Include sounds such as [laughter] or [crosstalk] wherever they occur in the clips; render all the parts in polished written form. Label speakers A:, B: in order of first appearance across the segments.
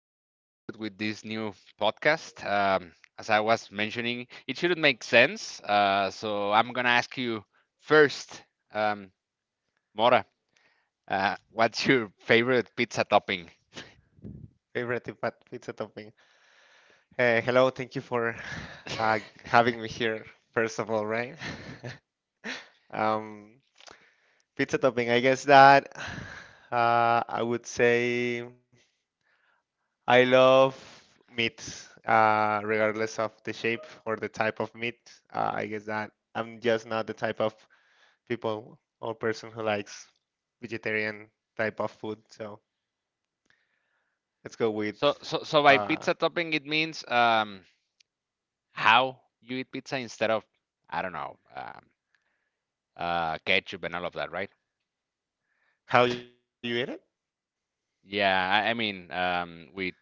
A: so let's get started with this new podcast. As I was mentioning, it shouldn't make sense. So I'm gonna ask you first, um, Mora, what's your favorite pizza topping?
B: Favorite pizza topping. Hello, thank you for [sighs] uh,
A: [laughs]
B: having me here, first of all, right? [laughs] Um, Pizza topping, I guess that [sighs] I would say I love meat, regardless of the shape or the type of meat. I guess that I'm just not the type of people or person who likes vegetarian type of food. So let's go with
A: So by
B: uh,
A: pizza topping, it means how you eat pizza instead of, I don't know, ketchup and all of that, right?
B: how you eat it.
A: Yeah, I mean, with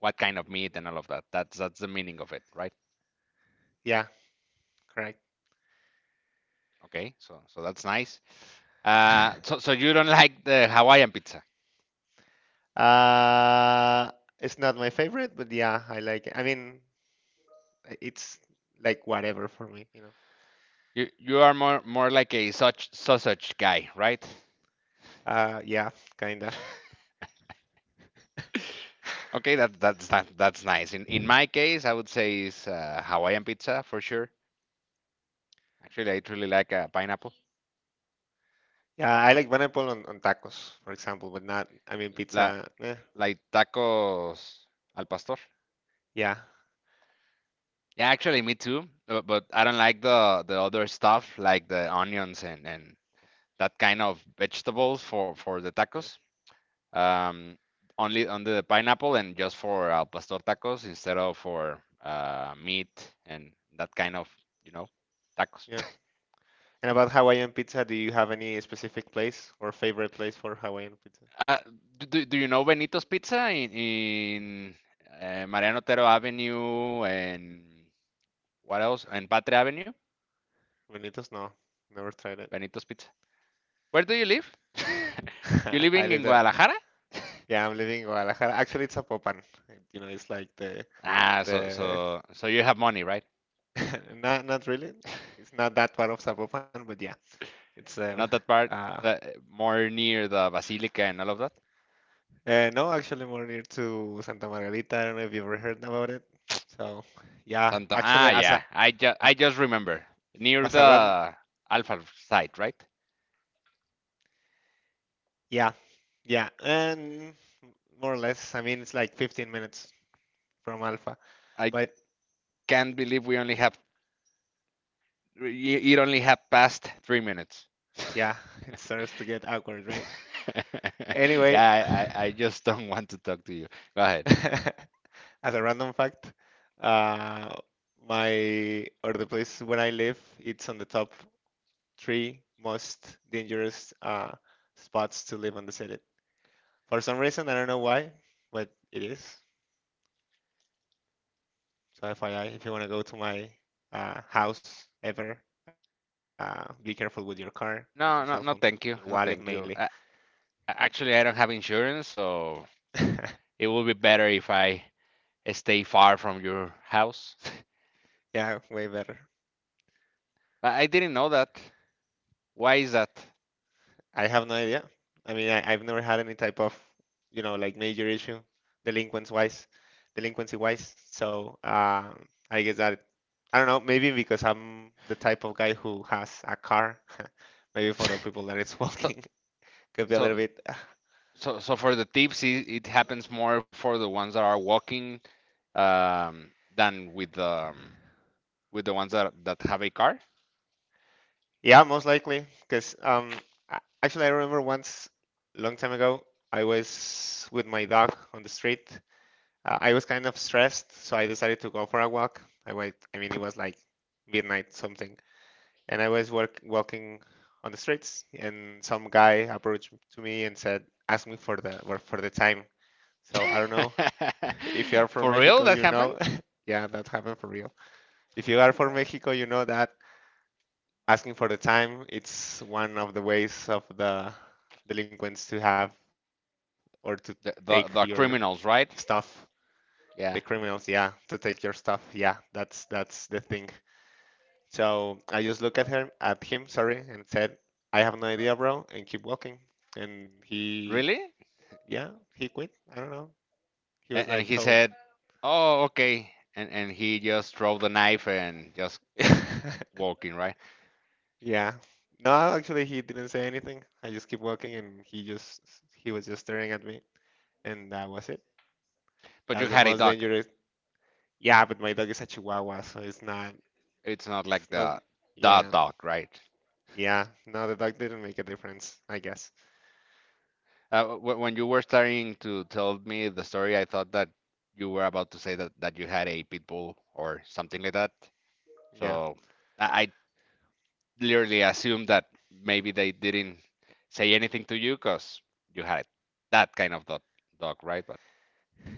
A: what kind of meat and all of that. That's the meaning of it, right?
B: Yeah, correct.
A: Okay, so that's nice. Uh,
B: [laughs]
A: so so you don't like the Hawaiian pizza.
B: Uh, it's not my favorite, but yeah, I like it. I mean, it's like whatever for me, you know.
A: You are more like a such sausage guy, right?
B: Yeah, kinda.
A: Okay, that's nice. In my case, I would say is Hawaiian pizza for sure. Actually, I truly like pineapple.
B: Yeah, I like pineapple on tacos, for example, but not, I mean,
A: La
B: pizza. Eh,
A: Like tacos al pastor.
B: yeah,
A: Yeah, actually, me too. But I don't like the other stuff like the onions and that kind of vegetables for the
B: yeah,
A: tacos. um, Only on the pineapple and just for al pastor tacos instead of for meat and that kind of, you know, tacos.
B: yeah.
A: [laughs]
B: And about Hawaiian pizza, do you have any specific place or favorite place for Hawaiian pizza?
A: uh, do you know Benito's Pizza in Mariano Otero Avenue and what else? And Patria Avenue?
B: Benitos? No, never tried it.
A: Benito's Pizza. Where do you live? [laughs] You
B: [laughs] I
A: living
B: live
A: in
B: that.
A: Guadalajara?
B: Yeah, I'm living in Guadalajara. Actually, it's a Apopan. You know, it's like the
A: Ah, so
B: the
A: so so you have money, right?
B: [laughs] not really. It's not that far of Zapopan, but yeah, it's
A: Not that part,
B: uh,
A: uh, more near the Basilica and all of that.
B: no, actually more near to Santa Margarita. I don't know if you ever heard about it. So yeah,
A: Santo,
B: actually
A: ah,
B: as a
A: yeah. I just
B: a-
A: I just remember near
B: as a run,
A: the Alpha site, right?
B: yeah, yeah, and more or less. I mean, it's like 15 minutes from Alpha,
A: I
B: but
A: can't believe we only have y- it only have passed 3 minutes.
B: yeah, [laughs] it starts to get awkward, right?
A: [laughs]
B: Anyway,
A: Yeah, I just [laughs] don't want to talk to you. Go ahead.
B: [laughs] as a random fact, uh, my or the place where I live, it's on the top three most dangerous spots to live on the city. For some reason, I don't know why, but it is. So FYI, if you want to go to my house ever, be careful with your car, with your cell phone,
A: No, no,
B: your
A: no.
B: wallet
A: Thank you. No,
B: mainly.
A: thank you. Actually, I don't have insurance, so
B: [laughs]
A: it will be better if I stay far from your house. [laughs]
B: Yeah, way better.
A: I didn't know that. Why is that?
B: I have no idea. I mean, I've never had any type of, you know, like major issue, delinquents wise, delinquency wise. So I guess that I don't know. Maybe because I'm the type of guy who has a car. [laughs] Maybe for the people that it's
A: So,
B: walking, [laughs] could be a little
A: so,
B: bit. [laughs]
A: so for the thieves, it happens more for the ones that are walking than with the ones that have a car.
B: Yeah, most likely. Because actually, I remember once, long time ago, I was with my dog on the street. I was kind of stressed, so I decided to go for a walk. I went. I mean, it was like midnight something and I was walking on the streets, and some guy approached to me and said, "Ask me for the time." So I don't know
A: [laughs]
B: [laughs] if you are from
A: For real,
B: Mexico,
A: that
B: you know,
A: happened?
B: [laughs] yeah, that happened for real. If you are from Mexico, you know that asking for the time it's one of the ways of the delinquents to have or to take
A: The,
B: your
A: the the criminals,
B: stuff.
A: right?
B: The criminals,
A: Yeah,
B: yeah, to take your stuff, yeah, that's the thing. So I just looked at her at him, sorry, and said, I have no idea, bro, and keep walking. And he
A: really?
B: yeah, he quit. I don't know. He was
A: And
B: like,
A: he
B: Hold.
A: said, "Oh, okay." And he just drove the knife and just kept
B: [laughs]
A: walking, right?
B: Yeah. No, actually he didn't say anything. I just keep walking and he just he was just staring at me and that was it.
A: But you
B: That's the
A: had a
B: most
A: dog.
B: dangerous yeah, but my dog is a chihuahua, so it's not
A: It's not
B: it's
A: like
B: not
A: the
B: yeah.
A: dog, right?
B: Yeah. No, the dog didn't make a difference, I guess.
A: When you were starting to tell me the story, I thought that you were about to say that you had a pit bull or something like that.
B: Yeah.
A: So I literally assumed that maybe they didn't say anything to you because you had that kind of dog, right? But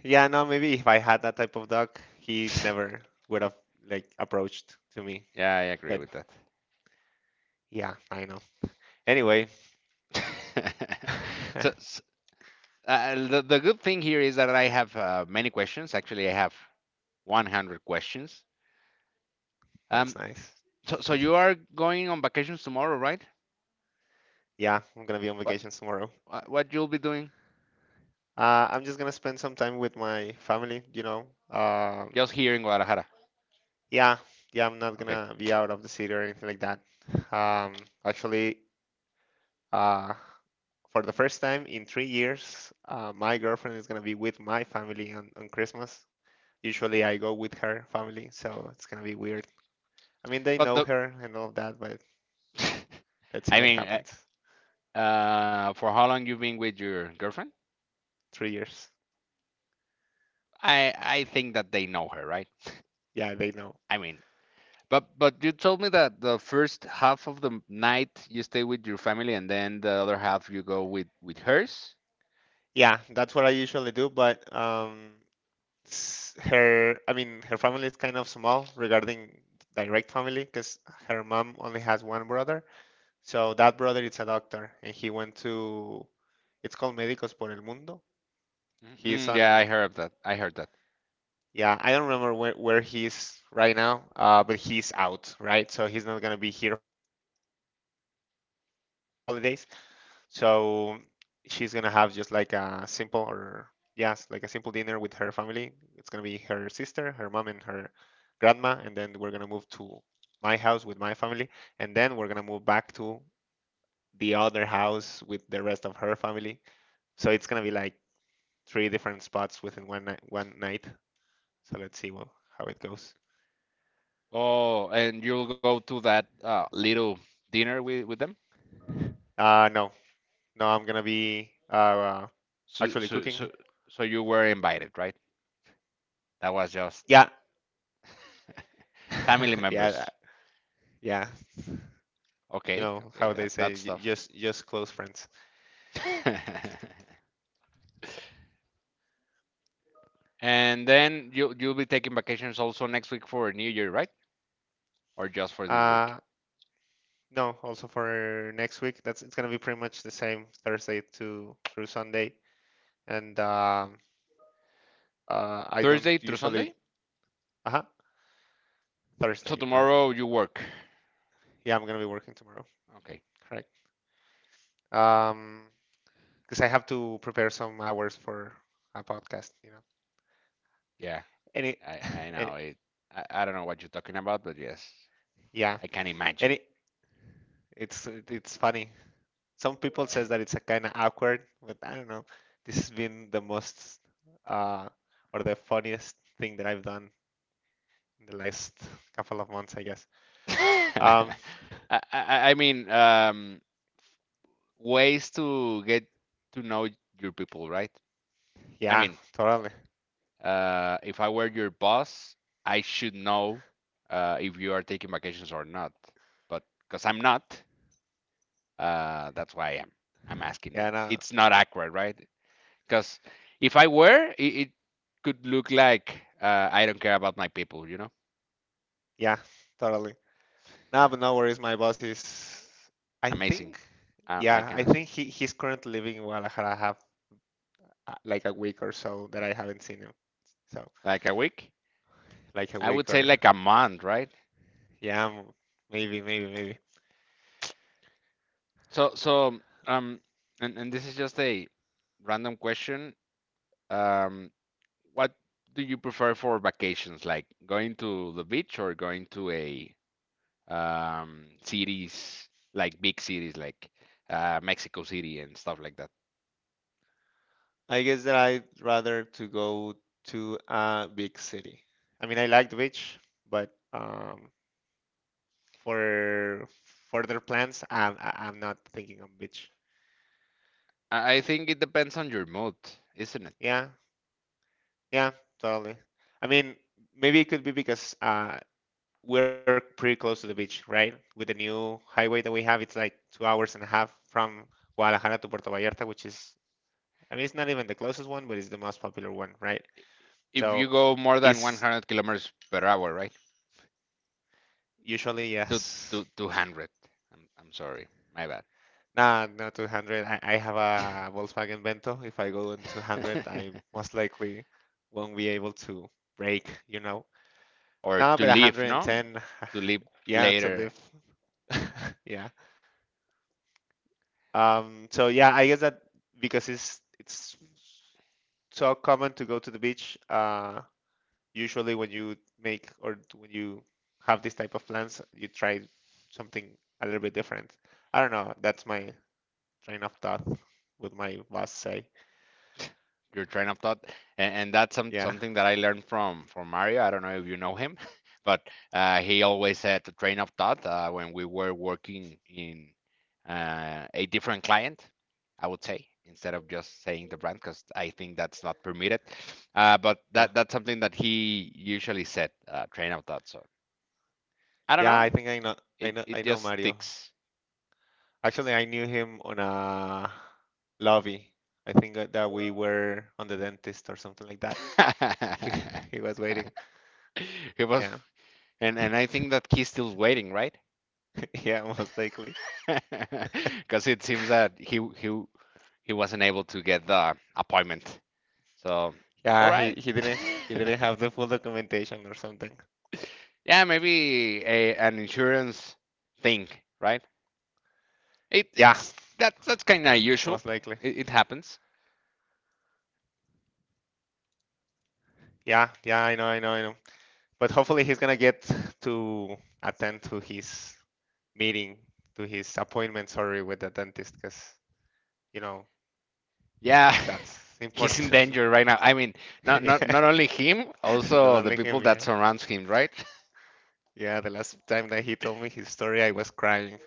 B: Yeah, no, maybe if I had that type of dog, he
A: [laughs]
B: never would have like approached to me.
A: yeah, I agree
B: But
A: with that.
B: yeah, I know. Anyway,
A: [laughs] So,
B: [laughs]
A: s the good thing here is that I have many questions. Actually, I have 100 questions.
B: that's nice.
A: Um, so you are going on vacations tomorrow, right?
B: Yeah, I'm gonna be on
A: Wha-
B: vacation tomorrow.
A: What you'll be doing?
B: I'm just gonna spend some time with my family, you know.
A: Just here in Guadalajara.
B: Yeah, yeah, I'm not
A: Okay.
B: gonna be out of the city or anything like that. Actually, uh, for the first time in 3 years, my girlfriend is gonna be with my family on Christmas. Usually I go with her family, so it's gonna be weird. I mean, they
A: But
B: know
A: the,
B: her and all of that, but
A: [laughs]
B: let's see
A: I
B: what
A: mean,
B: happens.
A: uh, for how long you've been with your girlfriend?
B: 3 years.
A: I think that they know her, right?
B: Yeah, they know.
A: I mean, but you told me that the first half of the night you stay with your family, and then the other half you go with hers.
B: Yeah, that's what I usually do, but her, I mean, her family is kind of small regarding direct family because her mom only has one brother. So that brother is a doctor and he went to, it's called Médicos por el Mundo. He's
A: Mm-mm, yeah, I
B: on
A: heard that. I heard that.
B: yeah, I don't remember where he's right now, but he's out, right? So he's not gonna be here for the holidays. So she's gonna have just like a simple or yes, like a simple dinner with her family. It's gonna be her sister, her mom, and her grandma, and then we're gonna move to my house with my family, and then we're gonna move back to the other house with the rest of her family. So it's gonna be like three different spots within one night. So let's see well, how it goes.
A: Oh, and you'll go to that little dinner with them.
B: Uh, no, no, I'm gonna be
A: So
B: actually
A: so
B: cooking.
A: so so you were invited, right? That was just
B: Yeah,
A: family
B: [laughs] yeah,
A: members.
B: yeah. You
A: Okay,
B: know
A: okay,
B: how
A: that
B: they
A: that's
B: say,
A: tough.
B: just close friends.
A: [laughs] And then you'll be taking vacations also next week for New Year, right? Or just for this week?
B: Uh, no, also for next week, that's it's gonna be pretty much the same Thursday to through Sunday, and I don't
A: Thursday through
B: usually
A: Sunday?
B: uh-huh,
A: So
B: Thursday. No,
A: tomorrow you work.
B: yeah, I'm gonna be working tomorrow.
A: Okay.
B: Correct. Um, because I have to prepare some hours for a podcast. You know,
A: Yeah.
B: any,
A: I
B: [laughs] any
A: know it. I don't know what you're talking about, but yes,
B: yeah.
A: I can imagine.
B: Any it's funny. Some people says that it's a kind of awkward, but I don't know. This has been the most uh, or the funniest thing that I've done in the last [laughs] couple of months, I guess.
A: [laughs]
B: Um,
A: I, I mean, ways to get to know your people, right? I
B: yeah,
A: mean,
B: totally.
A: If I were your boss, I should know if you are taking vacations or not. But because I'm not, that's why I am. I'm asking it.
B: Yeah, no,
A: It's not accurate, right? Because if I were, it could look like I don't care about my people, you know?
B: yeah, totally. No, but no worries. My boss is, I
A: Amazing.
B: think,
A: I
B: yeah,
A: can
B: I
A: assume.
B: think he's currently living in Guadalajara. I have like a week or so that I haven't seen him. So
A: Like a week?
B: like a
A: I would
B: week
A: say
B: or
A: like a month, right?
B: yeah, maybe, maybe, maybe.
A: So, so, um, and this is just a random question. Um, What do you prefer for vacations, like going to the beach or going to a cities, like big cities, like Mexico City and stuff like that?
B: I guess that I'd rather to go to a big city. I mean, I like the beach, but for further plans, I'm not thinking on beach.
A: I think it depends on your mood, isn't it?
B: Yeah, yeah, totally. I mean, maybe it could be because we're pretty close to the beach, right? With the new highway that we have, it's like 2 hours and a half from Guadalajara to Puerto Vallarta, which is, I mean, it's not even the closest one, but it's the most popular one, right?
A: If you
B: So,
A: go more than
B: it's
A: 100 kilometers per hour, right?
B: usually
A: Two,
B: yes.
A: 200. I'm sorry, my bad.
B: Nah, not 200. I have a Volkswagen Vento. If I go in 200, I
A: [laughs]
B: most likely won't be able to brake, you know.
A: Or
B: No,
A: to
B: but
A: leave, no?
B: 110,
A: To
B: [sighs]
A: leave
B: [laughs] yeah, to
A: later
B: live. [laughs] Yeah. So yeah, I guess that because it's so common to go to the beach, usually when you make or when you have this type of plans, you try something a little bit different. I don't know. That's my train of thought, would my boss say.
A: your train of thought and that's
B: Yeah.
A: something that I learned from mario I don't know if you know him [laughs] but he always had the train of thought when we were working in a different client I would say instead of just saying the brand because I think that's not permitted but
B: Yeah.
A: that that's something that he usually said train of thought so I don't
B: Yeah, I
A: know
B: think I know
A: it,
B: I
A: it
B: know
A: just
B: Mario.
A: sticks
B: Actually, I knew him on a lobby. I think that we were on the dentist or something like that. [laughs] He
A: [laughs]
B: he was waiting.
A: he was
B: Yeah.
A: and I think that he's still waiting right
B: [laughs] Yeah, most likely.
A: [laughs] because it seems that he wasn't able to get the appointment. So, all
B: Yeah, he
A: right.
B: he didn't he
A: [laughs]
B: didn't have the full documentation or something.
A: Yeah, maybe a an insurance thing, right? It
B: Yeah,
A: it's That's kind of usual.
B: most likely.
A: It happens.
B: Yeah, yeah, I know. But hopefully he's gonna get to attend to his meeting, to his appointment, sorry, with the dentist, because you know,
A: Yeah, [laughs]
B: that's
A: he's
B: [laughs]
A: in
B: important.
A: danger right now. I mean,
B: [laughs] Yeah,
A: not only him,
B: [laughs] not
A: also the
B: only
A: people
B: him,
A: that
B: yeah.
A: surrounds him, right?
B: Yeah, the last time that he told me his story, I was crying.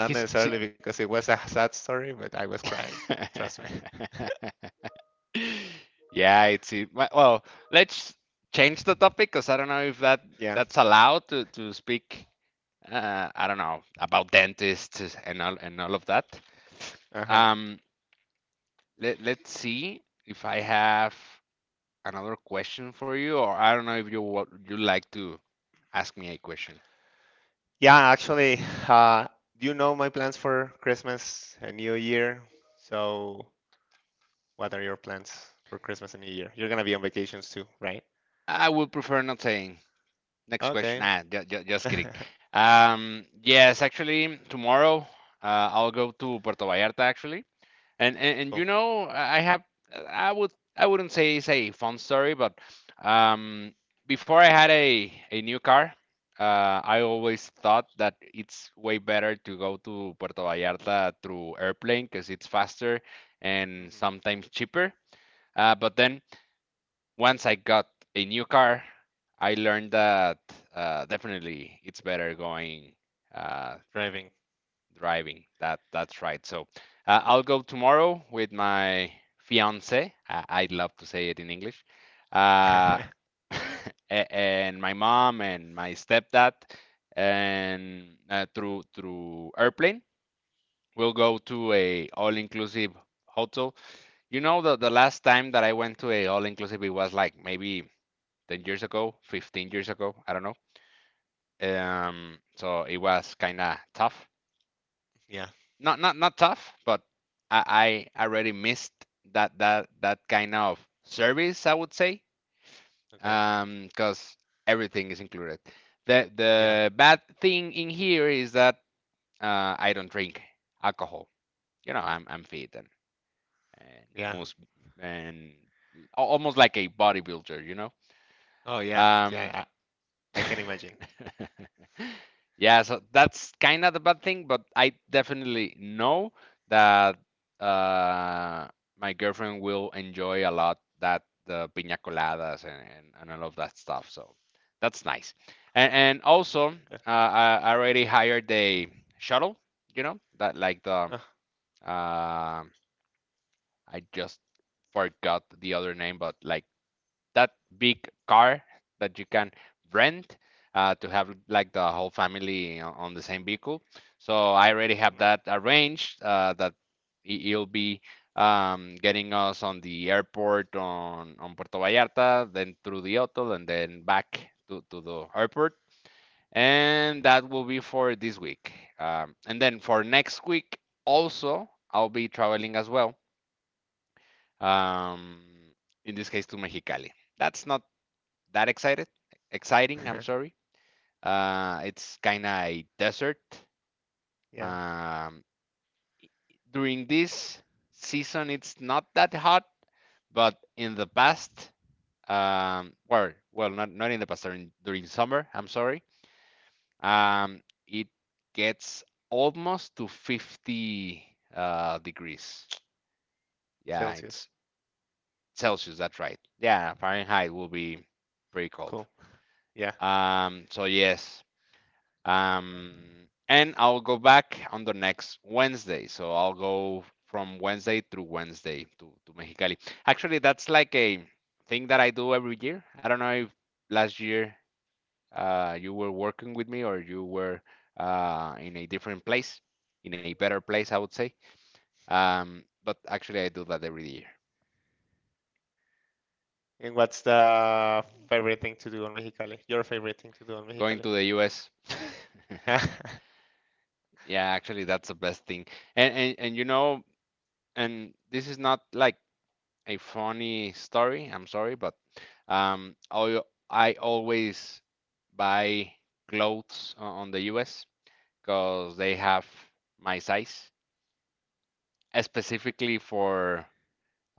A: [laughs] He's see.
B: necessarily because it was a sad story, but I was crying. Trust me. [laughs]
A: [laughs] Yeah, well, let's change the topic because I don't know if
B: Yeah,
A: that's allowed to speak. I don't know about dentists and all of that.
B: uh-huh.
A: Um, Let let's see if I have another question for you, or I don't know if you would you like to ask me a question.
B: Yeah, actually, uh, you know my plans for Christmas and New Year. So, what are your plans for Christmas and New Year? You're gonna be on vacations too, right?
A: I would prefer not saying. Next question.
B: Okay. [laughs]
A: Nah, just
B: Cool.
A: kidding. Yes, actually, tomorrow I'll go to Puerto Vallarta actually. And you know, I have I wouldn't say it's a fun story, but um, before I had a new car, I always thought that it's way better to go to Puerto Vallarta through airplane because it's faster and
B: Hmm.
A: sometimes cheaper. But then once I got a new car, I learned that definitely it's better going. Uh,
B: Driving.
A: Driving. That that's right. So I'll go tomorrow with my fiance. I love to say it in English.
B: [laughs]
A: Uh,
B: Okay.
A: [laughs] a- and my mom and my stepdad, and through through airplane, we'll go to a all-inclusive hotel. You know, the last time that I went to a all-inclusive, it was like maybe 10 years ago, 15 years ago. I don't know.
B: Mm,
A: So it was kind of tough.
B: yeah.
A: Not tough, but I already missed that kind of service, I would say,
B: Okay.
A: because everything is included.
B: Yeah.
A: The bad thing in here is that I don't drink alcohol. You know, I'm fit and
B: Yeah.
A: most and almost like a bodybuilder, you know.
B: Oh, yeah.
A: Um,
B: Yeah. I can imagine.
A: [laughs] yeah, so that's kind of the bad thing, but I definitely know that uh, my girlfriend will enjoy a lot that the piña coladas and all of that stuff. So that's nice. And also,
B: Okay.
A: I already hired a shuttle, you know, that like the,
B: Oh,
A: uh, I just forgot the other name, but like that big car that you can rent to have like the whole family on the same vehicle. So I already have that arranged that it'll be getting us on the airport on Puerto Vallarta, then through the hotel, and then back to the airport. And that will be for this week. And then for next week, also, I'll be traveling as well. Um, in this case, to Mexicali. That's not that excited, Exciting. I'm
B: mm.
A: sorry. It's kind of a desert.
B: [laughs] Yeah,
A: Um, During this season, it's not that hot, but in the past, well, well, not not in the past, during summer. I'm sorry. Um, it gets almost to 50 degrees. Yeah,
B: Celsius.
A: it's Celsius. That's right. Yeah, Fahrenheit will be pretty cold.
B: Cool. Yeah.
A: So yes, Um, and I'll go back on the next Wednesday. So I'll go from Wednesday through Wednesday to Mexicali. Actually, that's like a thing that I do every year. I don't know if last year you were working with me or you were in a different place, in a better place,
B: Mm-hmm.
A: I would say. But actually, I do that every year.
B: [laughs] And what's the favorite thing to do on Mexicali? Your favorite thing to do on
A: Going
B: Mexicali?
A: to the US. [laughs]
B: [laughs]
A: Yeah, actually, that's the best thing. And you know, and this is not like a funny story. I'm sorry, but um, I I always buy clothes on the US because they have my size, specifically for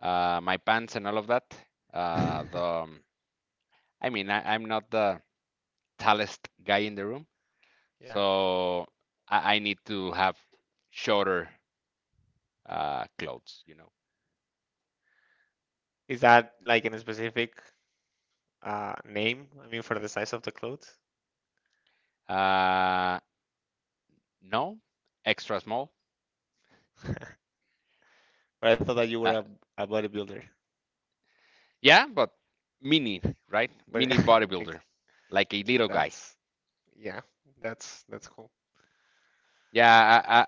A: my pants and all of that. The I mean, I'm not the tallest guy in the room,
B: Yeah.
A: so I need to have shorter clothes, you know.
B: Is that like in a specific name? I mean, for the size of the clothes?
A: Uh, no, extra small.
B: But I thought that you were
A: Uh,
B: a bodybuilder.
A: Yeah, but mini, right?
B: But
A: Mini
B: [laughs] ex-
A: bodybuilder, like a little guy.
B: that's yeah, that's cool.
A: Yeah, I, I,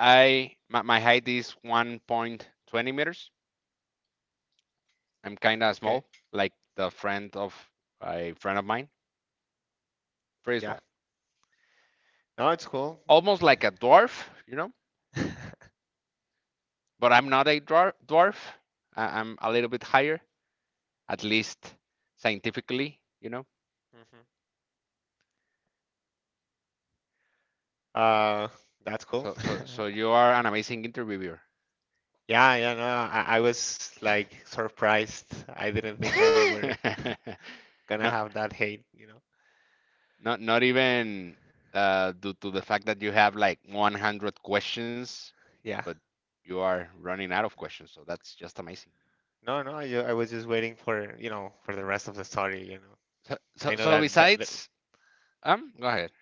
A: I my, my height is 1.20 meters. I'm kind of
B: Okay.
A: small, like the friend of a friend of mine. Pretty
B: Yeah.
A: small,
B: No, it's cool.
A: almost like a dwarf, you know.
B: [laughs] Hmm.
A: But I'm not a dwarf. Dwarf. I'm a little bit higher, at least scientifically, you know.
B: Uh, that's cool.
A: So
B: [laughs]
A: you are an amazing interviewer. [laughs]
B: Yeah, yeah, no, I was like surprised. I didn't think that you were gonna
A: No.
B: have that hate, you know.
A: Not even due to the fact that you have like 100 questions,
B: Yeah.
A: but you are running out of questions. So that's just amazing.
B: No, no, you, I was just waiting for, you know, for the rest of the story, you know.
A: So
B: I
A: so,
B: know
A: so
B: that
A: besides, go ahead.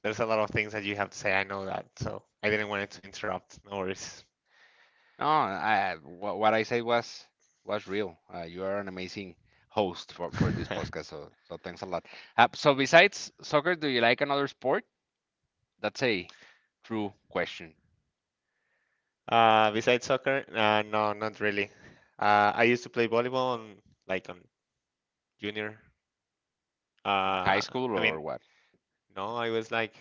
B: there's a lot of things that you have to say. I know that. So I didn't want it to interrupt. No worries.
A: No, what I said was real. You are an amazing host for this
B: [laughs]
A: podcast. So thanks a lot. So besides soccer, do you like another sport? That's a true question.
B: Besides soccer, no, not really. I used to play volleyball on like on junior.
A: In
B: Uh,
A: high school
B: I mean,
A: or what?
B: no, I was like,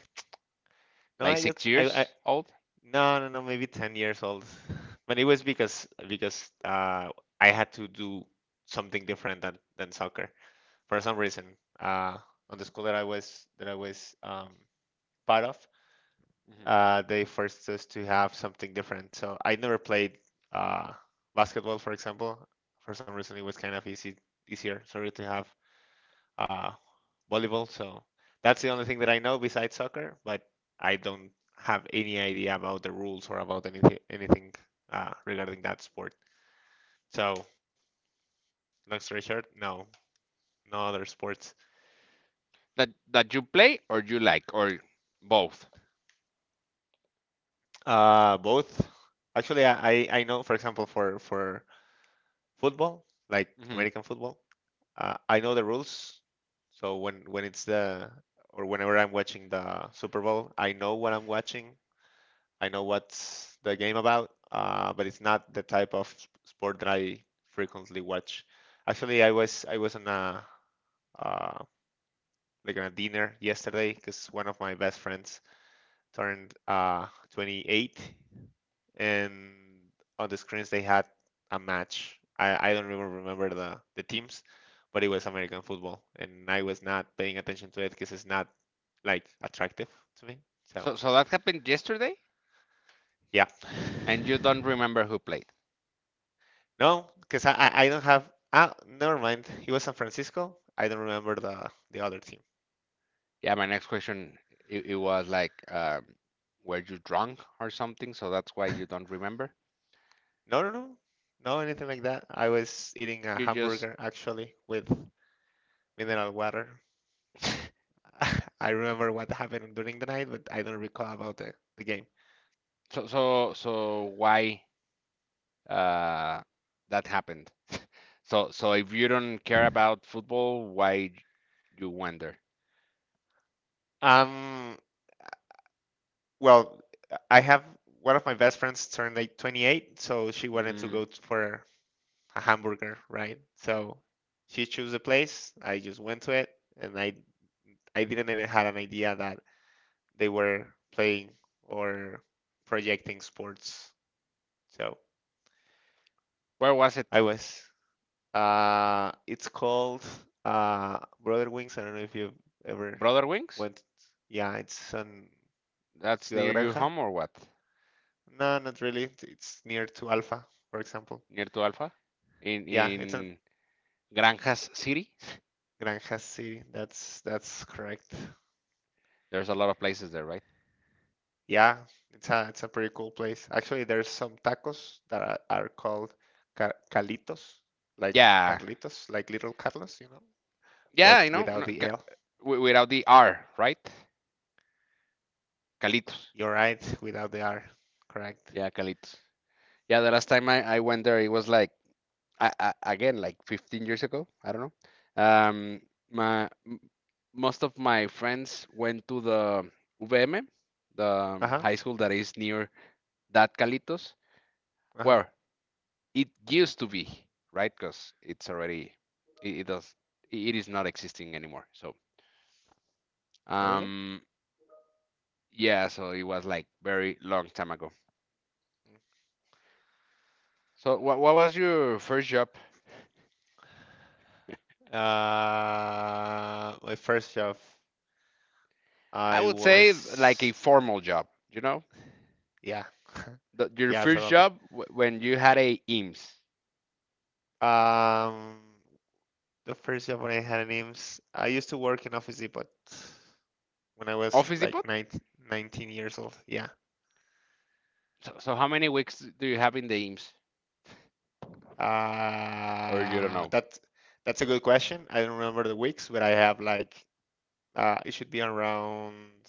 B: no,
A: Like six
B: I
A: years old?
B: no, no, no, maybe 10 years old. [laughs] But it was because I had to do something different than soccer for some reason. Uh on the school that I was part of, they forced us to have something different. So I never played uh basketball, for example. For some reason it was kind of easy easier, sorry, to have uh, volleyball. So that's the only thing that I know besides soccer, but I don't have any idea about the rules or about anything anything regarding that sport. So long story short, no, no other sports.
A: That you play or you like or both.
B: Both. Actually, I know, for example, for football, like
A: Hmm.
B: American football, I know the rules. So whenever I'm watching the Super Bowl, I know what I'm watching. I know what's the game about, but it's not the type of sport that I frequently watch. Actually, I was on a uh, like on a dinner yesterday because one of my best friends turned 28, and on the screens they had a match. I don't even remember the teams, but it was American football, and I was not paying attention to it because it's not like attractive to me. So
A: So that happened yesterday,
B: yeah.
A: and you don't remember who played.
B: No, because I don't have. Ah, never mind. It was San Francisco. I don't remember the other team.
A: Yeah, my next question, it was like, were you drunk or something? So that's why you don't remember.
B: No, no, no, no, anything like that. I was eating a
A: You just
B: hamburger actually with mineral water.
A: [laughs]
B: [laughs] I remember what happened during the night, but I don't recall about the game.
A: So why uh that happened. [laughs] So if you don't care about football, why you wonder?
B: Um, well, I have one of my best friends turned like 28, so she wanted to
A: Mm,
B: for a hamburger, right? So she chose a place. I just went to it, and I didn't even have an idea that they were playing or projecting sports. So
A: where was
B: I
A: it?
B: was. It's called Brother Wings. I don't know if you've ever
A: Brother Wings?
B: went. Yeah, it's on
A: That's near
B: Ciudad
A: your
B: Granja.
A: home or what?
B: No, not really. It's near to Alfa, for example.
A: Near to Alpha, in
B: Yeah, it's on
A: in Granjas City. [laughs]
B: Granja City. That's correct.
A: There's a lot of places there, right?
B: Yeah, it's a pretty cool place. Actually, there's some tacos that are called calitos, like
A: Yeah,
B: Carlitos, like little Carlos, you know.
A: yeah,
B: But without the L.
A: no, without the R, right? Calitos.
B: You're right, without the R. Correct.
A: Yeah, Calitos. Yeah, the last time I went there, it was like again like 15 years ago. I don't know. Um, my Most of my friends went to the VM, the
B: Uh huh.
A: high school that is near that Calitos,
B: Uh huh.
A: where it used to be, right, because it's already, it does, it is not existing anymore, so
B: Oh, really?
A: um yeah, so it was like very long time ago. So what was your first job?
B: My first job,
A: I
B: I
A: would say like a
B: was,
A: formal job, you know,
B: yeah, [laughs]
A: your
B: yeah,
A: first
B: totally.
A: job when you had a IMSS.
B: Um, the first job when I had an IMSS, I used to work in Office Depot when I was
A: Office Depot.
B: like 19, 19 years old. Yeah.
A: So how many weeks do you have in the IMSS, or you don't
B: Uh,
A: know?
B: that that's a good question. I don't remember the weeks, but I have like it should be around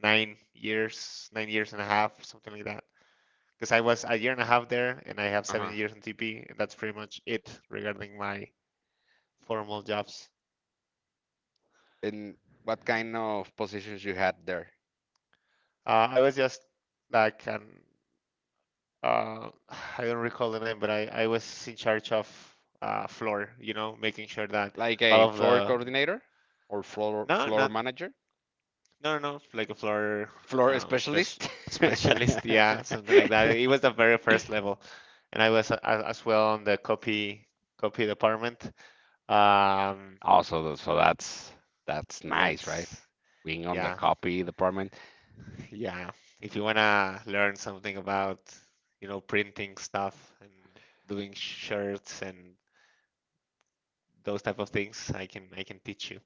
B: 9 years, 9 years and a half, something like that. Because I was a year and a half there, and I have seven
A: Uh-huh.
B: years in TP, and that's pretty much it regarding my formal jobs.
A: And what kind of positions you had there?
B: I was just like an uh, [sighs] I don't recall the name, but I was in charge of floor, you know, making sure that
A: Like a
B: all of
A: floor
B: the
A: coordinator, or floor
B: no,
A: floor
B: not
A: manager?
B: No, no, no, like a floor
A: Floor
B: spec
A: specialist.
B: [laughs] specialist,
A: [laughs]
B: yeah, something like that. It was the very first level, and I was as well on the copy department. Um,
A: Also, so that's nice, right?
B: that's
A: Being on the
B: yeah,
A: copy department.
B: [laughs] yeah. If you wanna learn something about, you know, printing stuff and doing shirts and those type of things, I can teach you.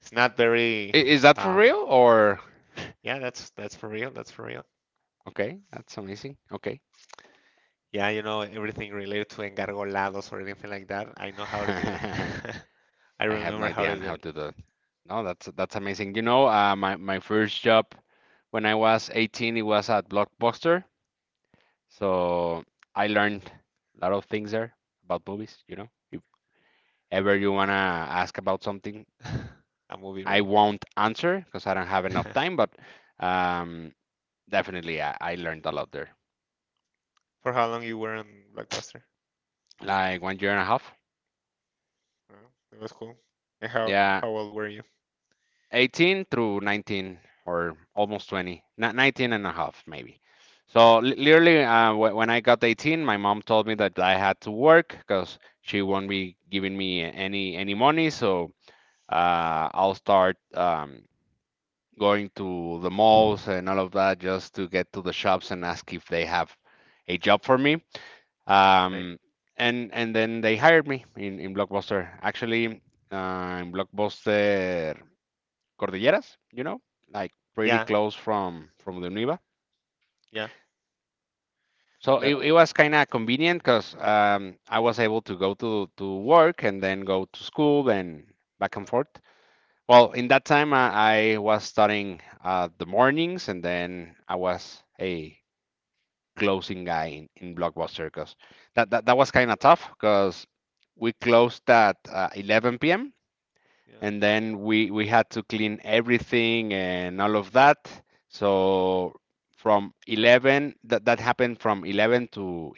B: It's not very
A: Is that for
B: um,
A: real or?
B: yeah, that's for real. That's for real.
A: Okay, that's amazing. Okay.
B: Yeah, you know, everything related to engargolados or anything like that, I
A: [laughs]
B: know how to do it.
A: I
B: [laughs] I
A: have
B: remember
A: no
B: how
A: idea
B: to
A: on
B: do
A: how
B: it.
A: to do. No, that's amazing. You know, my first job when I was 18, it was at Blockbuster. So I learned a lot of things there about movies, you know. If ever you wanna ask about something,
B: [laughs] A movie,
A: I
B: right?
A: won't answer because I don't have enough time, but
B: [laughs]
A: um, definitely I learned a lot there.
B: For how long you were on Blockbuster?
A: Like one year and a half.
B: Well, it was cool. And how
A: Yeah,
B: how old were you?
A: 18 through 19 or almost 20. Not 19 and a half, maybe. So literally, when I got 18, my mom told me that I had to work because she won't be giving me any money. So I'll start going to the malls and all of that just to get to the shops and ask if they have a job for me.
B: Right.
A: Um, and then they hired me in Blockbuster. Actually, in Blockbuster Cordilleras, you know, like pretty
B: Yeah,
A: close from the Univa.
B: yeah.
A: So it,
B: That
A: it was kind of convenient because I was able to go to work and then go to school and back and forth. Well, in that time, I was studying the mornings, and then I was a closing guy in Blockbuster because that was kind of tough because we closed at 11 p.m.
B: yeah.
A: and then we had to clean everything and all of that. So from 11, that happened from 11 to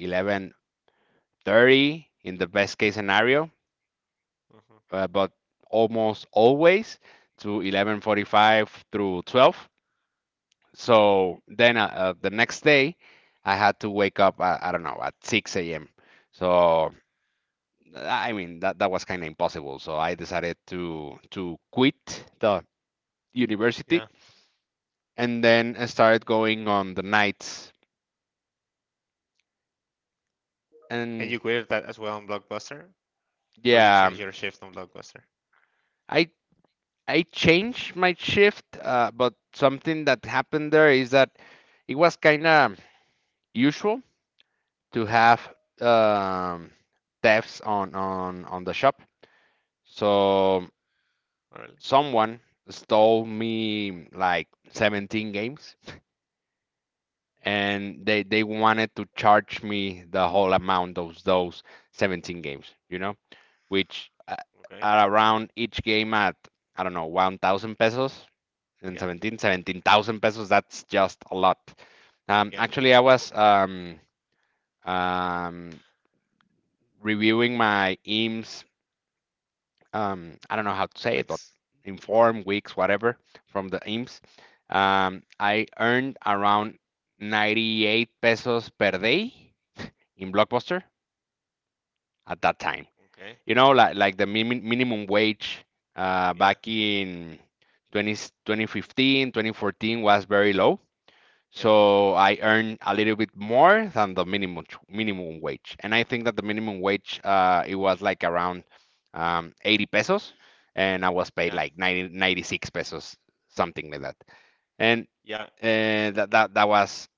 A: 11:30 in the best case scenario,
B: Mhm.
A: but almost always to 11:45 through 12. So then the next day, I had to wake up, I don't know, at 6 a.m. So I mean that was kind of impossible. So I decided to quit the university,
B: Yeah.
A: and then I started going on the nights.
B: And
A: And
B: you created that as well on Blockbuster? Or you
A: yeah,
B: changed your shift on Blockbuster?
A: I I changed my shift, but something that happened there is that it was kind of usual to have
B: Mm-hmm.
A: um, thefts on the shop. So
B: Really?
A: someone stole me like 17 games, and they wanted to charge me the whole amount of those 17 games, you know, which
B: Okay.
A: are around each game at I don't know 1,000 pesos, and
B: Yeah.
A: seventeen thousand pesos, that's just a lot.
B: Yeah.
A: Actually, I was um reviewing my eames, I don't know how to say it, but
B: Wix?
A: inform weeks, whatever, from the
B: Uh huh.
A: IMSS. I earned around 98 pesos per day in Blockbuster at that time.
B: Okay.
A: You know, like the minimum wage
B: Yeah.
A: back in 20 2014 was very low.
B: Yeah.
A: So I earn a little bit more than the minimum wage, and I think that the minimum wage, it was like around 80 pesos, and I was paid
B: Yeah.
A: like 96 pesos, something like that. And
B: Yeah.
A: that was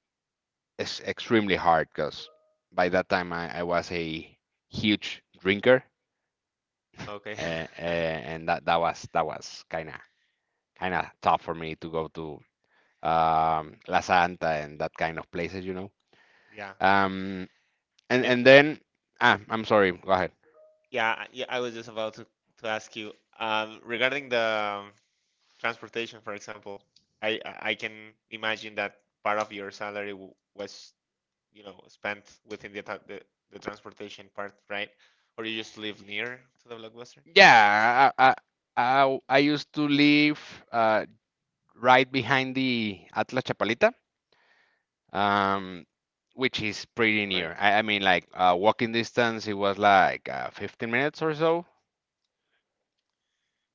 A: extremely hard because by that time I was a huge drinker,
B: Okay. [laughs]
A: and that was kind of tough for me to go to La Santa and that kind of places, you know.
B: Yeah.
A: Um, and
B: And
A: and then I'm sorry. Go ahead.
B: Yeah, yeah, I was just about to ask you regarding the transportation, for example. I can imagine that part of your salary was, you know, spent within the transportation part, right? Or you used to live near to the Blockbuster,
A: Yeah, I used to live uh, right behind the Atlas Chapalita, um, which is pretty
B: right?
A: near. I mean, like walking distance, it was like 15 minutes or so,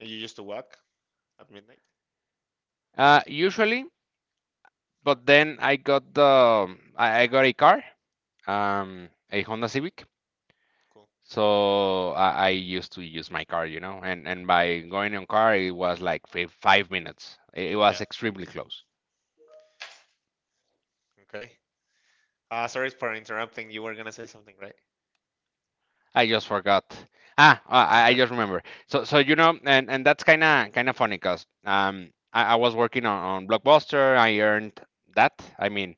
B: And you used to walk at midnight.
A: usually.
B: Cool.
A: But then I got a car, a Honda
B: Mm,
A: Civic.
B: cool.
A: So I used to use my car, you know, and by going on car, it was like 5 minutes. It
B: Yeah.
A: was extremely close.
B: Okay. Sorry for interrupting. You were gonna say something, right?
A: I just forgot. Ah,
B: [laughs]
A: I,
B: Mhm.
A: I just remember. You know, and that's kind of funny, cause I was working on Blockbuster. I earned that. I mean,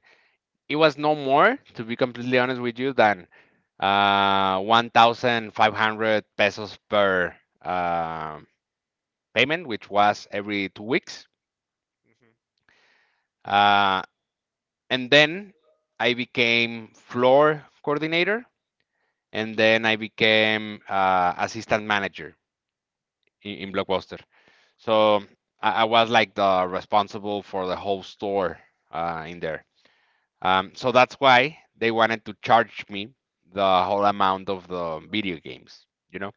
A: it was no more, to be completely honest with you, than 1,500 pesos per um payment, which was every 2 weeks. Uh, and then I became floor coordinator, and then I became assistant manager in Blockbuster. So I
B: Mm.
A: was like the responsible for the whole store in there. So that's why they wanted to charge me the whole amount of the video games, you know.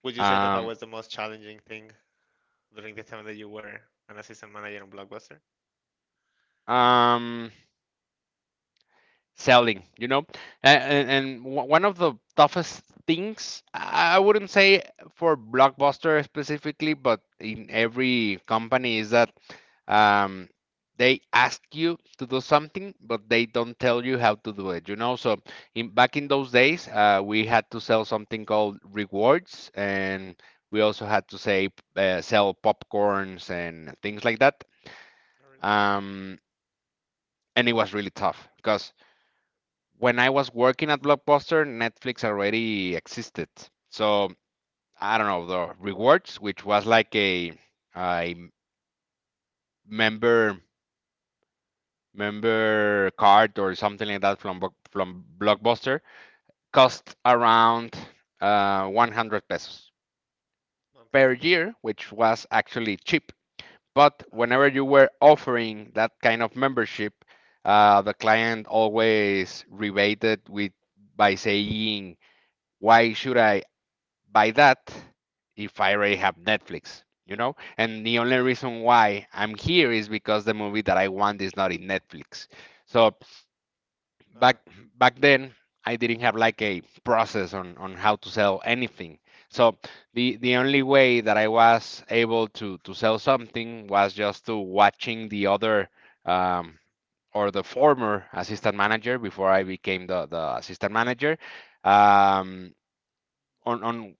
B: Would you say that that
A: Um,
B: was the most challenging thing during the time that you were an assistant manager on Blockbuster?
A: um, selling, you know, and, one of the toughest things I wouldn't say for Blockbuster specifically, but in every company is that, um, they ask you to do something, but they don't tell you how to do it, you know, so in back in
B: Uh-huh.
A: those days, we had to sell something called rewards, and we also had to say, sell popcorns and things like that,
B: Oh, really?
A: um, and it was really tough because when I was working at Blockbuster, Netflix already existed. So I don't know, the rewards, which was like a member member card or something like that from from Blockbuster,
B: Mhm.
A: cost around 100 pesos
B: Monthly.
A: per year, which was actually cheap. But
B: Ah,
A: whenever you
B: okay.
A: were offering that kind of membership, the client always rebated with, by saying, why should I by that if I already have Netflix, you know? And the only reason why I'm here is because the movie that I want is not in Netflix. So
B: Uh-huh.
A: back back then I didn't have like a process on how to sell anything. So the only way that I was able to sell something was just to watching the other, um, or the former assistant manager before I became the assistant manager,
B: Hmm
A: um, on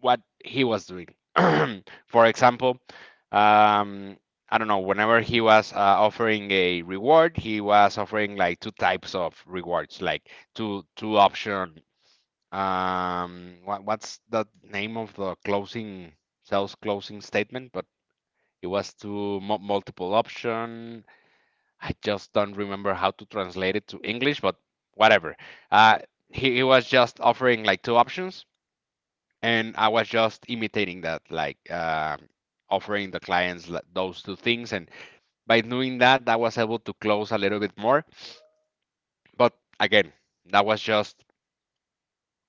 A: what he was doing. [clears throat] For example, um, I don't know, whenever he was offering a reward, he was offering like two types of rewards, like two option. What's the name of the closing sales closing statement? But it was two multiple option. I just don't remember how to translate it to English, but whatever. Uh,
B: hmm.
A: he was just offering like two options, and I was just imitating that, like offering the clients those two things. And by doing that, I was able to close a little bit more. But again, that was just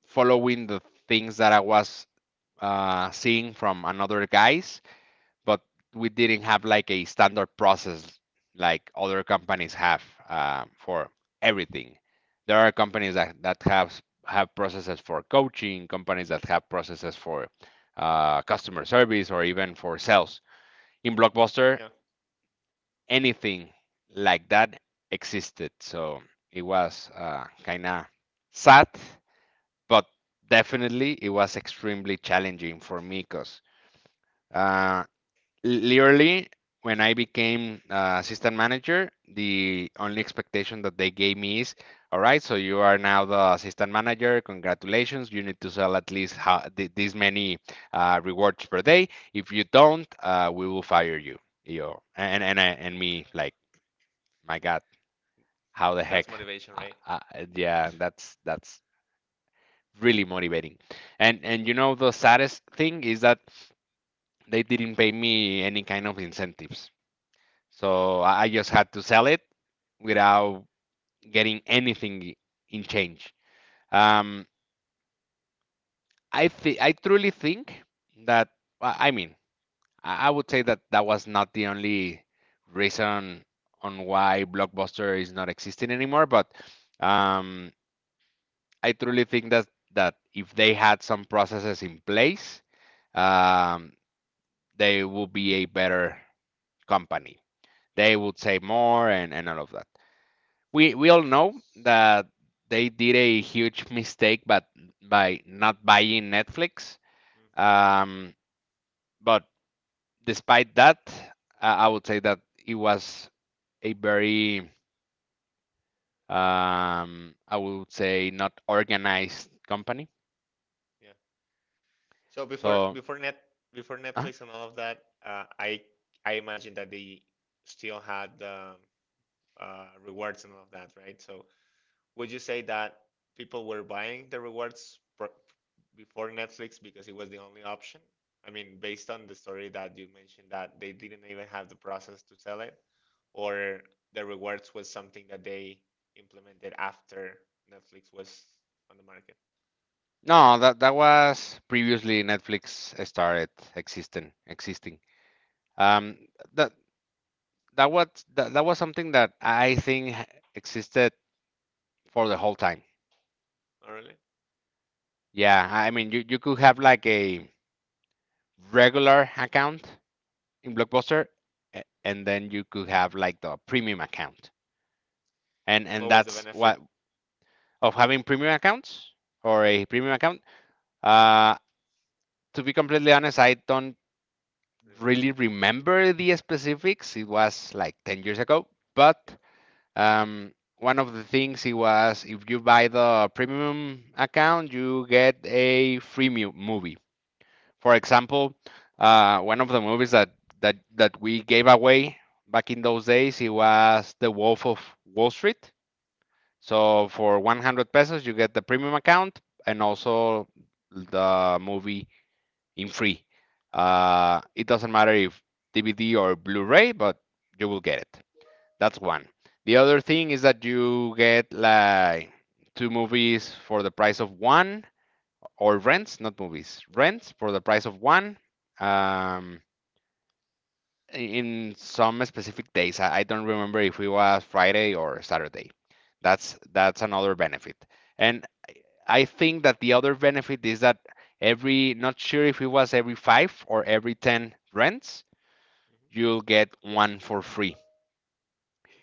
A: following the things that I was seeing from another guys, but we didn't have like a standard process like other companies have, for everything. There are companies that have processes for coaching, companies that have processes for customer service or even for sales. In Blockbuster,
B: Yeah,
A: anything like that existed, so it was kind of sad, but definitely it was extremely challenging for me because uh, literally when I became assistant manager, the only expectation that they gave me is, all right, so you are now the assistant manager. Congratulations, you need to sell at least this many rewards per day. If you don't, we will fire you. Yo, and me like, my God, how the
B: that's
A: heck?
B: motivation,
A: Uh,
B: right?
A: uh, yeah, that's really motivating. And you know the
B: Totally.
A: saddest thing is that they didn't pay me any kind of incentives. So I just had to sell it without getting anything in change. Um, I truly think that I I
B: Mm-hmm.
A: mean I would say that that was not the only reason on why Blockbuster is not existing anymore, but um, I truly think that that if they had some processes in place, um, they would be a better company. They would say more and all of that. We all know that they did a huge mistake but by not buying Netflix,
B: Mm-hmm.
A: um, but despite that I would say that it was a very, I would say not organized company.
B: Yeah. So before
A: So
B: before net Before
A: uh,
B: Netflix and all of that, I imagine that they still had rewards and all of that, right? So would you say that people were buying the before Netflix because it was the only option? I mean, based on the story that you mentioned that they didn't even have the process to sell it, or the rewards was something that they implemented after Netflix was on the market.
A: no, that was previously Netflix started existing. um, that that was that was something that I think existed for the whole time.
B: Oh, really?
A: Yeah, I mean, you could have like a regular account in Blockbuster, and then
B: Hmm.
A: you could have like the premium account.
B: What
A: And
B: was the
A: that's what
B: benefit?
A: of having premium accounts or
B: Uh-huh.
A: a premium account. Uh, to be completely honest, I don't
B: Remember.
A: really remember the specifics. It was like 10 years ago,
B: Yeah,
A: but um, one of the things it was if you buy the premium account, you get a free movie. For example, one of the movies that that we gave away back in those days it was The Wolf of Wall Street. So
B: great
A: for
B: movie.
A: 100 pesos, you get the premium account and also the movie in free. It doesn't matter if DVD or Blu-ray, but you will get it. That's one. The other thing is that you get like two movies for the price of one, or rents, not movies, rents for the price of one.
B: Hmm
A: Um, in some specific days, I don't remember if it was Friday or Saturday. That's another benefit, and I think that the other benefit is that every, not sure if it was every five or every ten rents, you'll get one for free.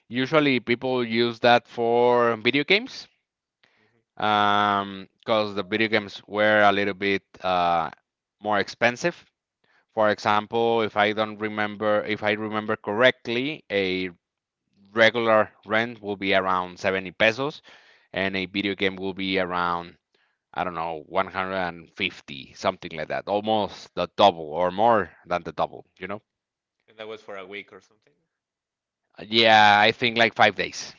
A: Usually, people use that for video games,
B: hmm hmm.
A: because the video games were a little bit more expensive. For example, if I don't remember, if I remember correctly, a regular rent will be around 70 pesos and a video game will be around, I don't know, 150, something like that. Almost the double or more than the double, you know?
B: And that was for a week or something.
A: Yeah, I think like 5 days.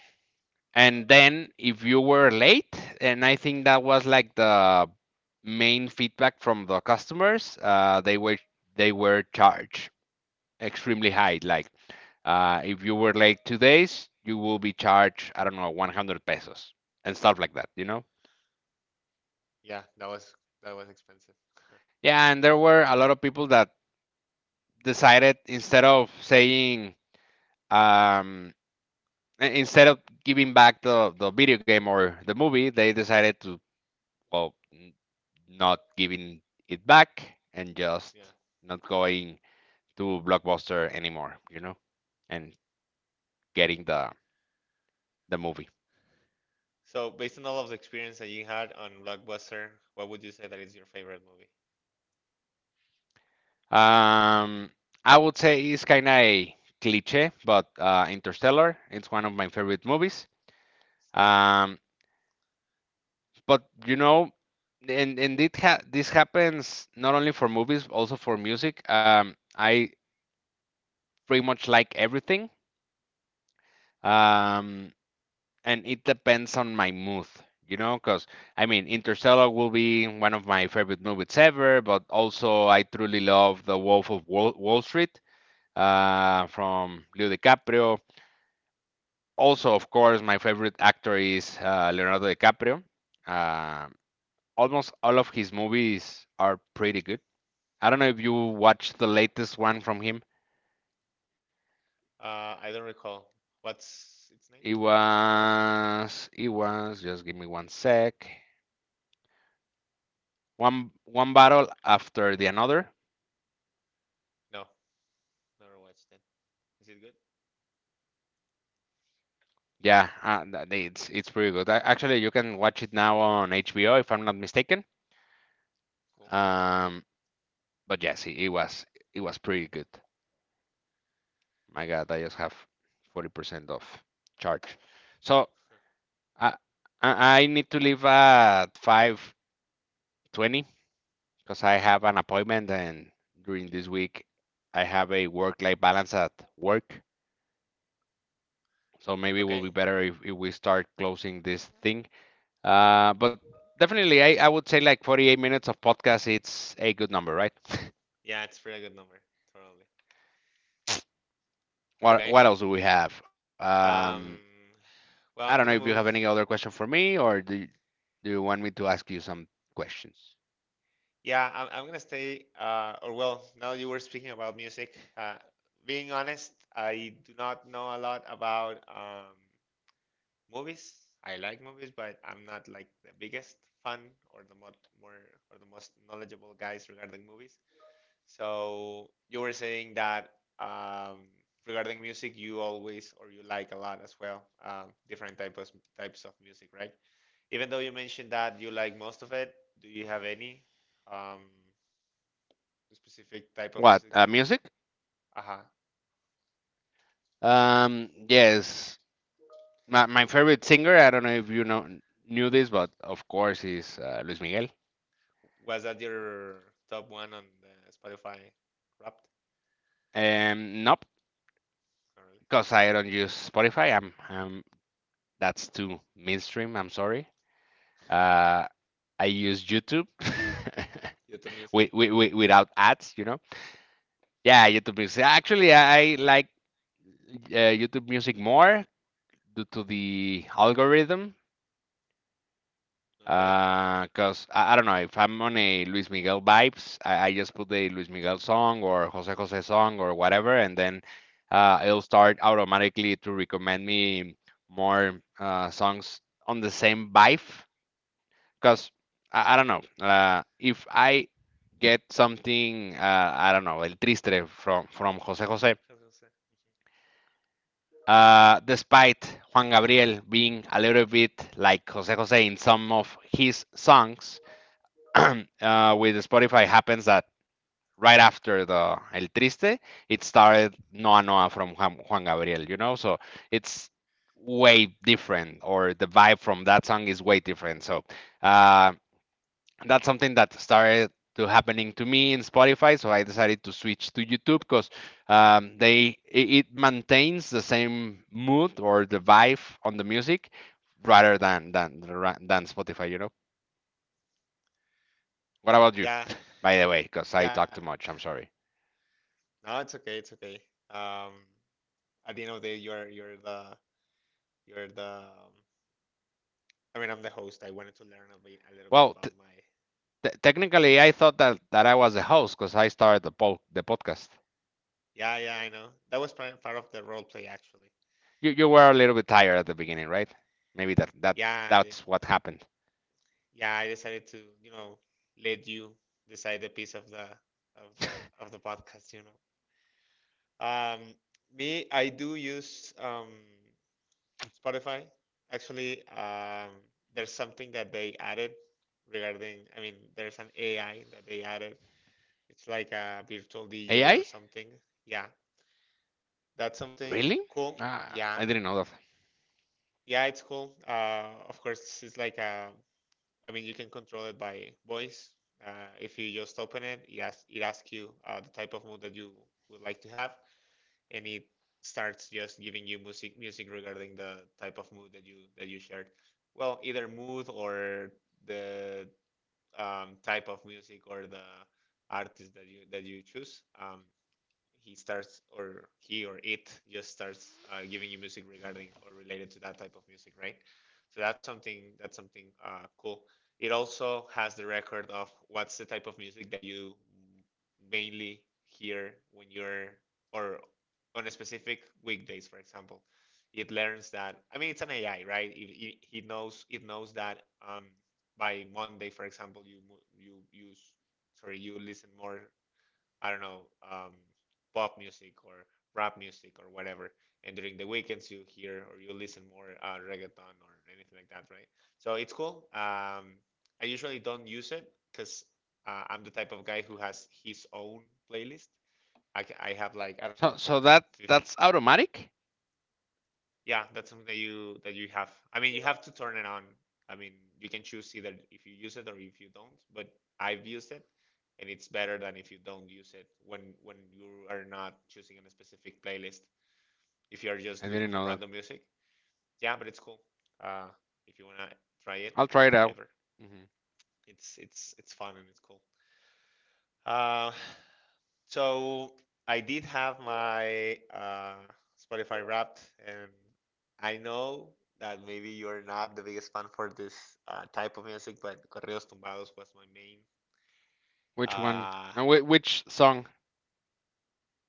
A: And
B: Okay.
A: then if you were late, and I think that was like the main feedback from the customers, they were charged extremely high. Like, if you were late 2 days, you will be charged, I don't know, 100 pesos and stuff like that, you know?
B: Yeah, that was expensive.
A: Yeah, and there were a lot of people that decided instead of saying, um, instead of giving back the video game or the movie, they decided to, well, not giving it back and just
B: Yeah.
A: not going to Blockbuster anymore, you know, and getting the movie.
B: So, based on all of the experience that you had on Blockbuster, what would you say that is your favorite movie?
A: Um, I would say it's kind of cliche, but Interstellar, it's one of my favorite movies.
B: It's nice.
A: Um, but you know, and it ha this happens not only for movies, also for music. I pretty much like everything. Um, and it depends on my mood, you know, because I mean, Interstellar will be one of my favorite movies ever, but also I truly love The Wolf of Wall Street, from Leo DiCaprio. Also, of course, my favorite actor is Leonardo DiCaprio. Um almost all of his movies are pretty good. I don't know if you watched the latest one from him.
B: I don't recall. What's its name?
A: It was, it was. Just give me one sec. One Battle After the Another.
B: No, never watched it. Is it good?
A: Yeah, it's pretty good. Actually, you can watch it now on HBO if I'm not mistaken.
B: Cool.
A: Um, but yes, it was, it was pretty good. My God, I just have 40% of charge. So
B: [laughs]
A: I I need to leave at 5:20 because I have an appointment and during this week I have a work-life balance at work. So maybe it will
B: Okay.
A: be better if we start closing this thing. But definitely, I would say like 48 minutes of podcast it's a good number, right? [laughs]
B: Yeah, it's pretty good number. Totally. Okay.
A: What else do we have?
B: Um,
A: I don't know
B: well,
A: if
B: I'm
A: you
B: gonna
A: have
B: move.
A: any other question for me, do you want me to ask you some questions?
B: Yeah, I'm gonna stay. Or well, now that you were speaking about music, being honest, I do not know a lot about movies. I like movies, but I'm not like the biggest fan or the mo more or the most knowledgeable guys regarding movies. So you were saying that um, regarding music, you always or you like a lot as well, different types of music, right? Even though you mentioned that you like most of it, do you have any um, specific type
A: What?
B: of music that
A: Music?
B: you? Aha,
A: Yes. My favorite singer, I don't know if you know knew this, but of course is Luis Miguel.
B: was that your top one on the Spotify Wrapped?
A: Nope,
B: Not really.
A: because I don't use Spotify. I'm, that's too mainstream. I'm sorry. Uh, I use YouTube
B: YouTube
A: [laughs]
B: Music.
A: without ads, you know. Yeah, YouTube Music. Actually, I like YouTube Music more due to the algorithm.
B: Okay.
A: Cause I don't know if I'm on a Luis Miguel vibes, I just put the Luis Miguel song or Jose Jose song or whatever, and then it'll start automatically to recommend me more songs on the same vibe. Cause I don't know, if I get something, I don't know, El Triste from Jose Jose.
B: I was say.
A: Despite Juan Gabriel being a little bit like Jose Jose in some of his songs, [clears throat] with Spotify happens that right after the El Triste, it started Noa Noa from Juan Gabriel, you know? So it's way different, or the vibe from that song is way different. So uh, that's something that started to happening to me in Spotify. So I decided to switch to YouTube because they, it maintains the same mood or the
B: Mhm. Bye.
A: vibe on the music rather than than Spotify, you know? What about you?
B: Yeah,
A: [laughs] By the way, because I
B: yeah.
A: talk too much. I'm
B: [laughs]
A: sorry.
B: No, it's okay. It's okay. Um, at the end of the day, you're the you're the. I mean, I'm the host. I wanted to learn a bit a little bit
A: Well,
B: about my.
A: technically, I thought that I was the host because I started the the podcast.
B: Yeah, yeah. I know that was part of the role play actually.
A: You
B: You
A: were a
B: know.
A: little bit tired at the beginning, right? Maybe that
B: Yeah, yeah.
A: that's what happened.
B: Yeah, I decided to you know let you decide the piece of the of the of the podcast. You know. Um, me, I do use. Spotify, actually, there's something that they added regarding, I mean, there's an AI that they added. It's like a virtual DJ or
A: AI?
B: something. Yeah, that's something
A: Really?
B: cool.
A: Ah,
B: Yeah,
A: I didn't know that.
B: yeah, it's cool. Of course, it's like a. I mean, you can control it by voice. Uh, if you just open it, yes, it asks you the type of mood that you would like to have, and it starts just giving you music regarding the type of mood that you shared. Well, either mood or the type of music or the artist that you choose. He starts or he or it just starts giving you music regarding or related to that type of music, right? So that's something cool. It also has the record of what's the type of music that you mainly hear when you're or on a specific weekdays, for example. It learns that. I mean, it's an AI, right? It knows, it knows that by Monday, for example, you mo- you use sorry you listen more, I don't know, um, pop music or rap music or whatever. And during the weekends, you hear or you listen more reggaeton or anything like that, right? So it's cool. I usually don't use it because I'm the type of guy who has his own playlist. I have like, I don't know,
A: So so that that's automatic?
B: yeah, that's something that you have. I mean, you have to turn it on. I mean, you can choose either if you use it or if you don't, but I've used it and it's better than if you don't use it when you are not choosing a specific playlist. If you are just
A: I
B: looking
A: didn't
B: for
A: know that.
B: random music, yeah, but it's cool. Uh, if you wanna try it,
A: I'll try
B: like
A: it out.
B: ever,
A: Hmm.
B: it's it's fun and it's cool. Uh, so I did have my Spotify Wrapped, and I know that maybe you're not the biggest fan for this type of music, but Correos Tumbados was my main.
A: Which one?
B: Uh,
A: And which song?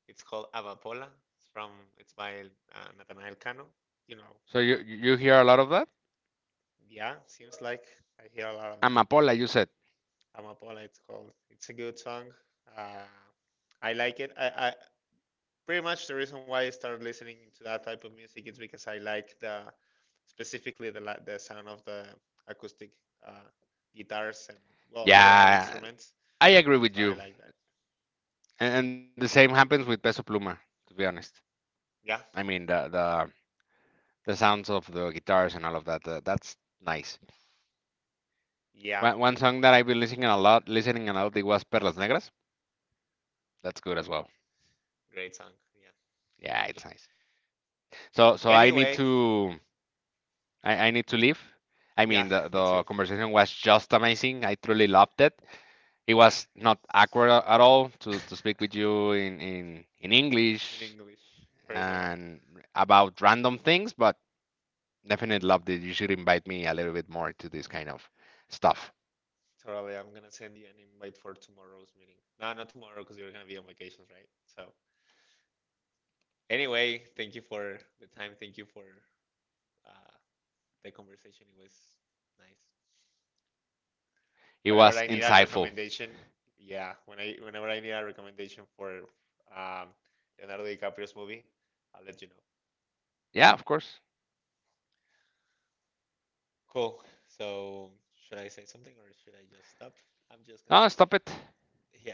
B: it's called Amapola. It's from it's by Natanael Cano. You know,
A: So you hear a lot of that?
B: yeah, seems like I hear a lot of that.
A: Amapola, you said.
B: Amapola, it's called. It's a good song. Uh, I like it. I, pretty much the reason why I started listening to that type of music is because I like the specifically the sound of the acoustic uh, guitars and well overall
A: Yeah,
B: instruments.
A: I agree
B: So
A: with
B: I
A: you.
B: like that.
A: And the same happens with Peso Pluma, to be honest.
B: Yeah,
A: I mean, the sounds of the guitars and all of that. That's nice.
B: yeah,
A: One song that I've been listening a lot, it was Perlas Negras. That's good as well.
B: great song. Yeah.
A: Yeah, it's nice. So so I need
B: Anyway,
A: to I need to leave. I
B: yeah,
A: mean,
B: me
A: the
B: too.
A: the conversation was just amazing. I truly loved it. It
B: Yeah,
A: was not awkward at all to
B: [laughs]
A: speak with you in
B: in
A: English
B: English first of all.
A: and about random things, but definitely love this. You should invite me a little bit more to this kind of stuff.
B: Totally, I'm gonna send you an invite for tomorrow's meeting. No, not tomorrow because you're gonna be on vacations, right? So anyway, thank you for the time. Thank you for uh, the conversation. It was nice.
A: It
B: Whenever I
A: was
B: need a
A: insightful.
B: recommendation, yeah, whenever I need a recommendation for um, Leonardo DiCaprio's movie, I'll let you know.
A: Yeah, of course.
B: Cool. So should I say something or should I just stop? I'm just gonna
A: No,
B: stop it.
A: stop it.
B: [laughs] Yeah.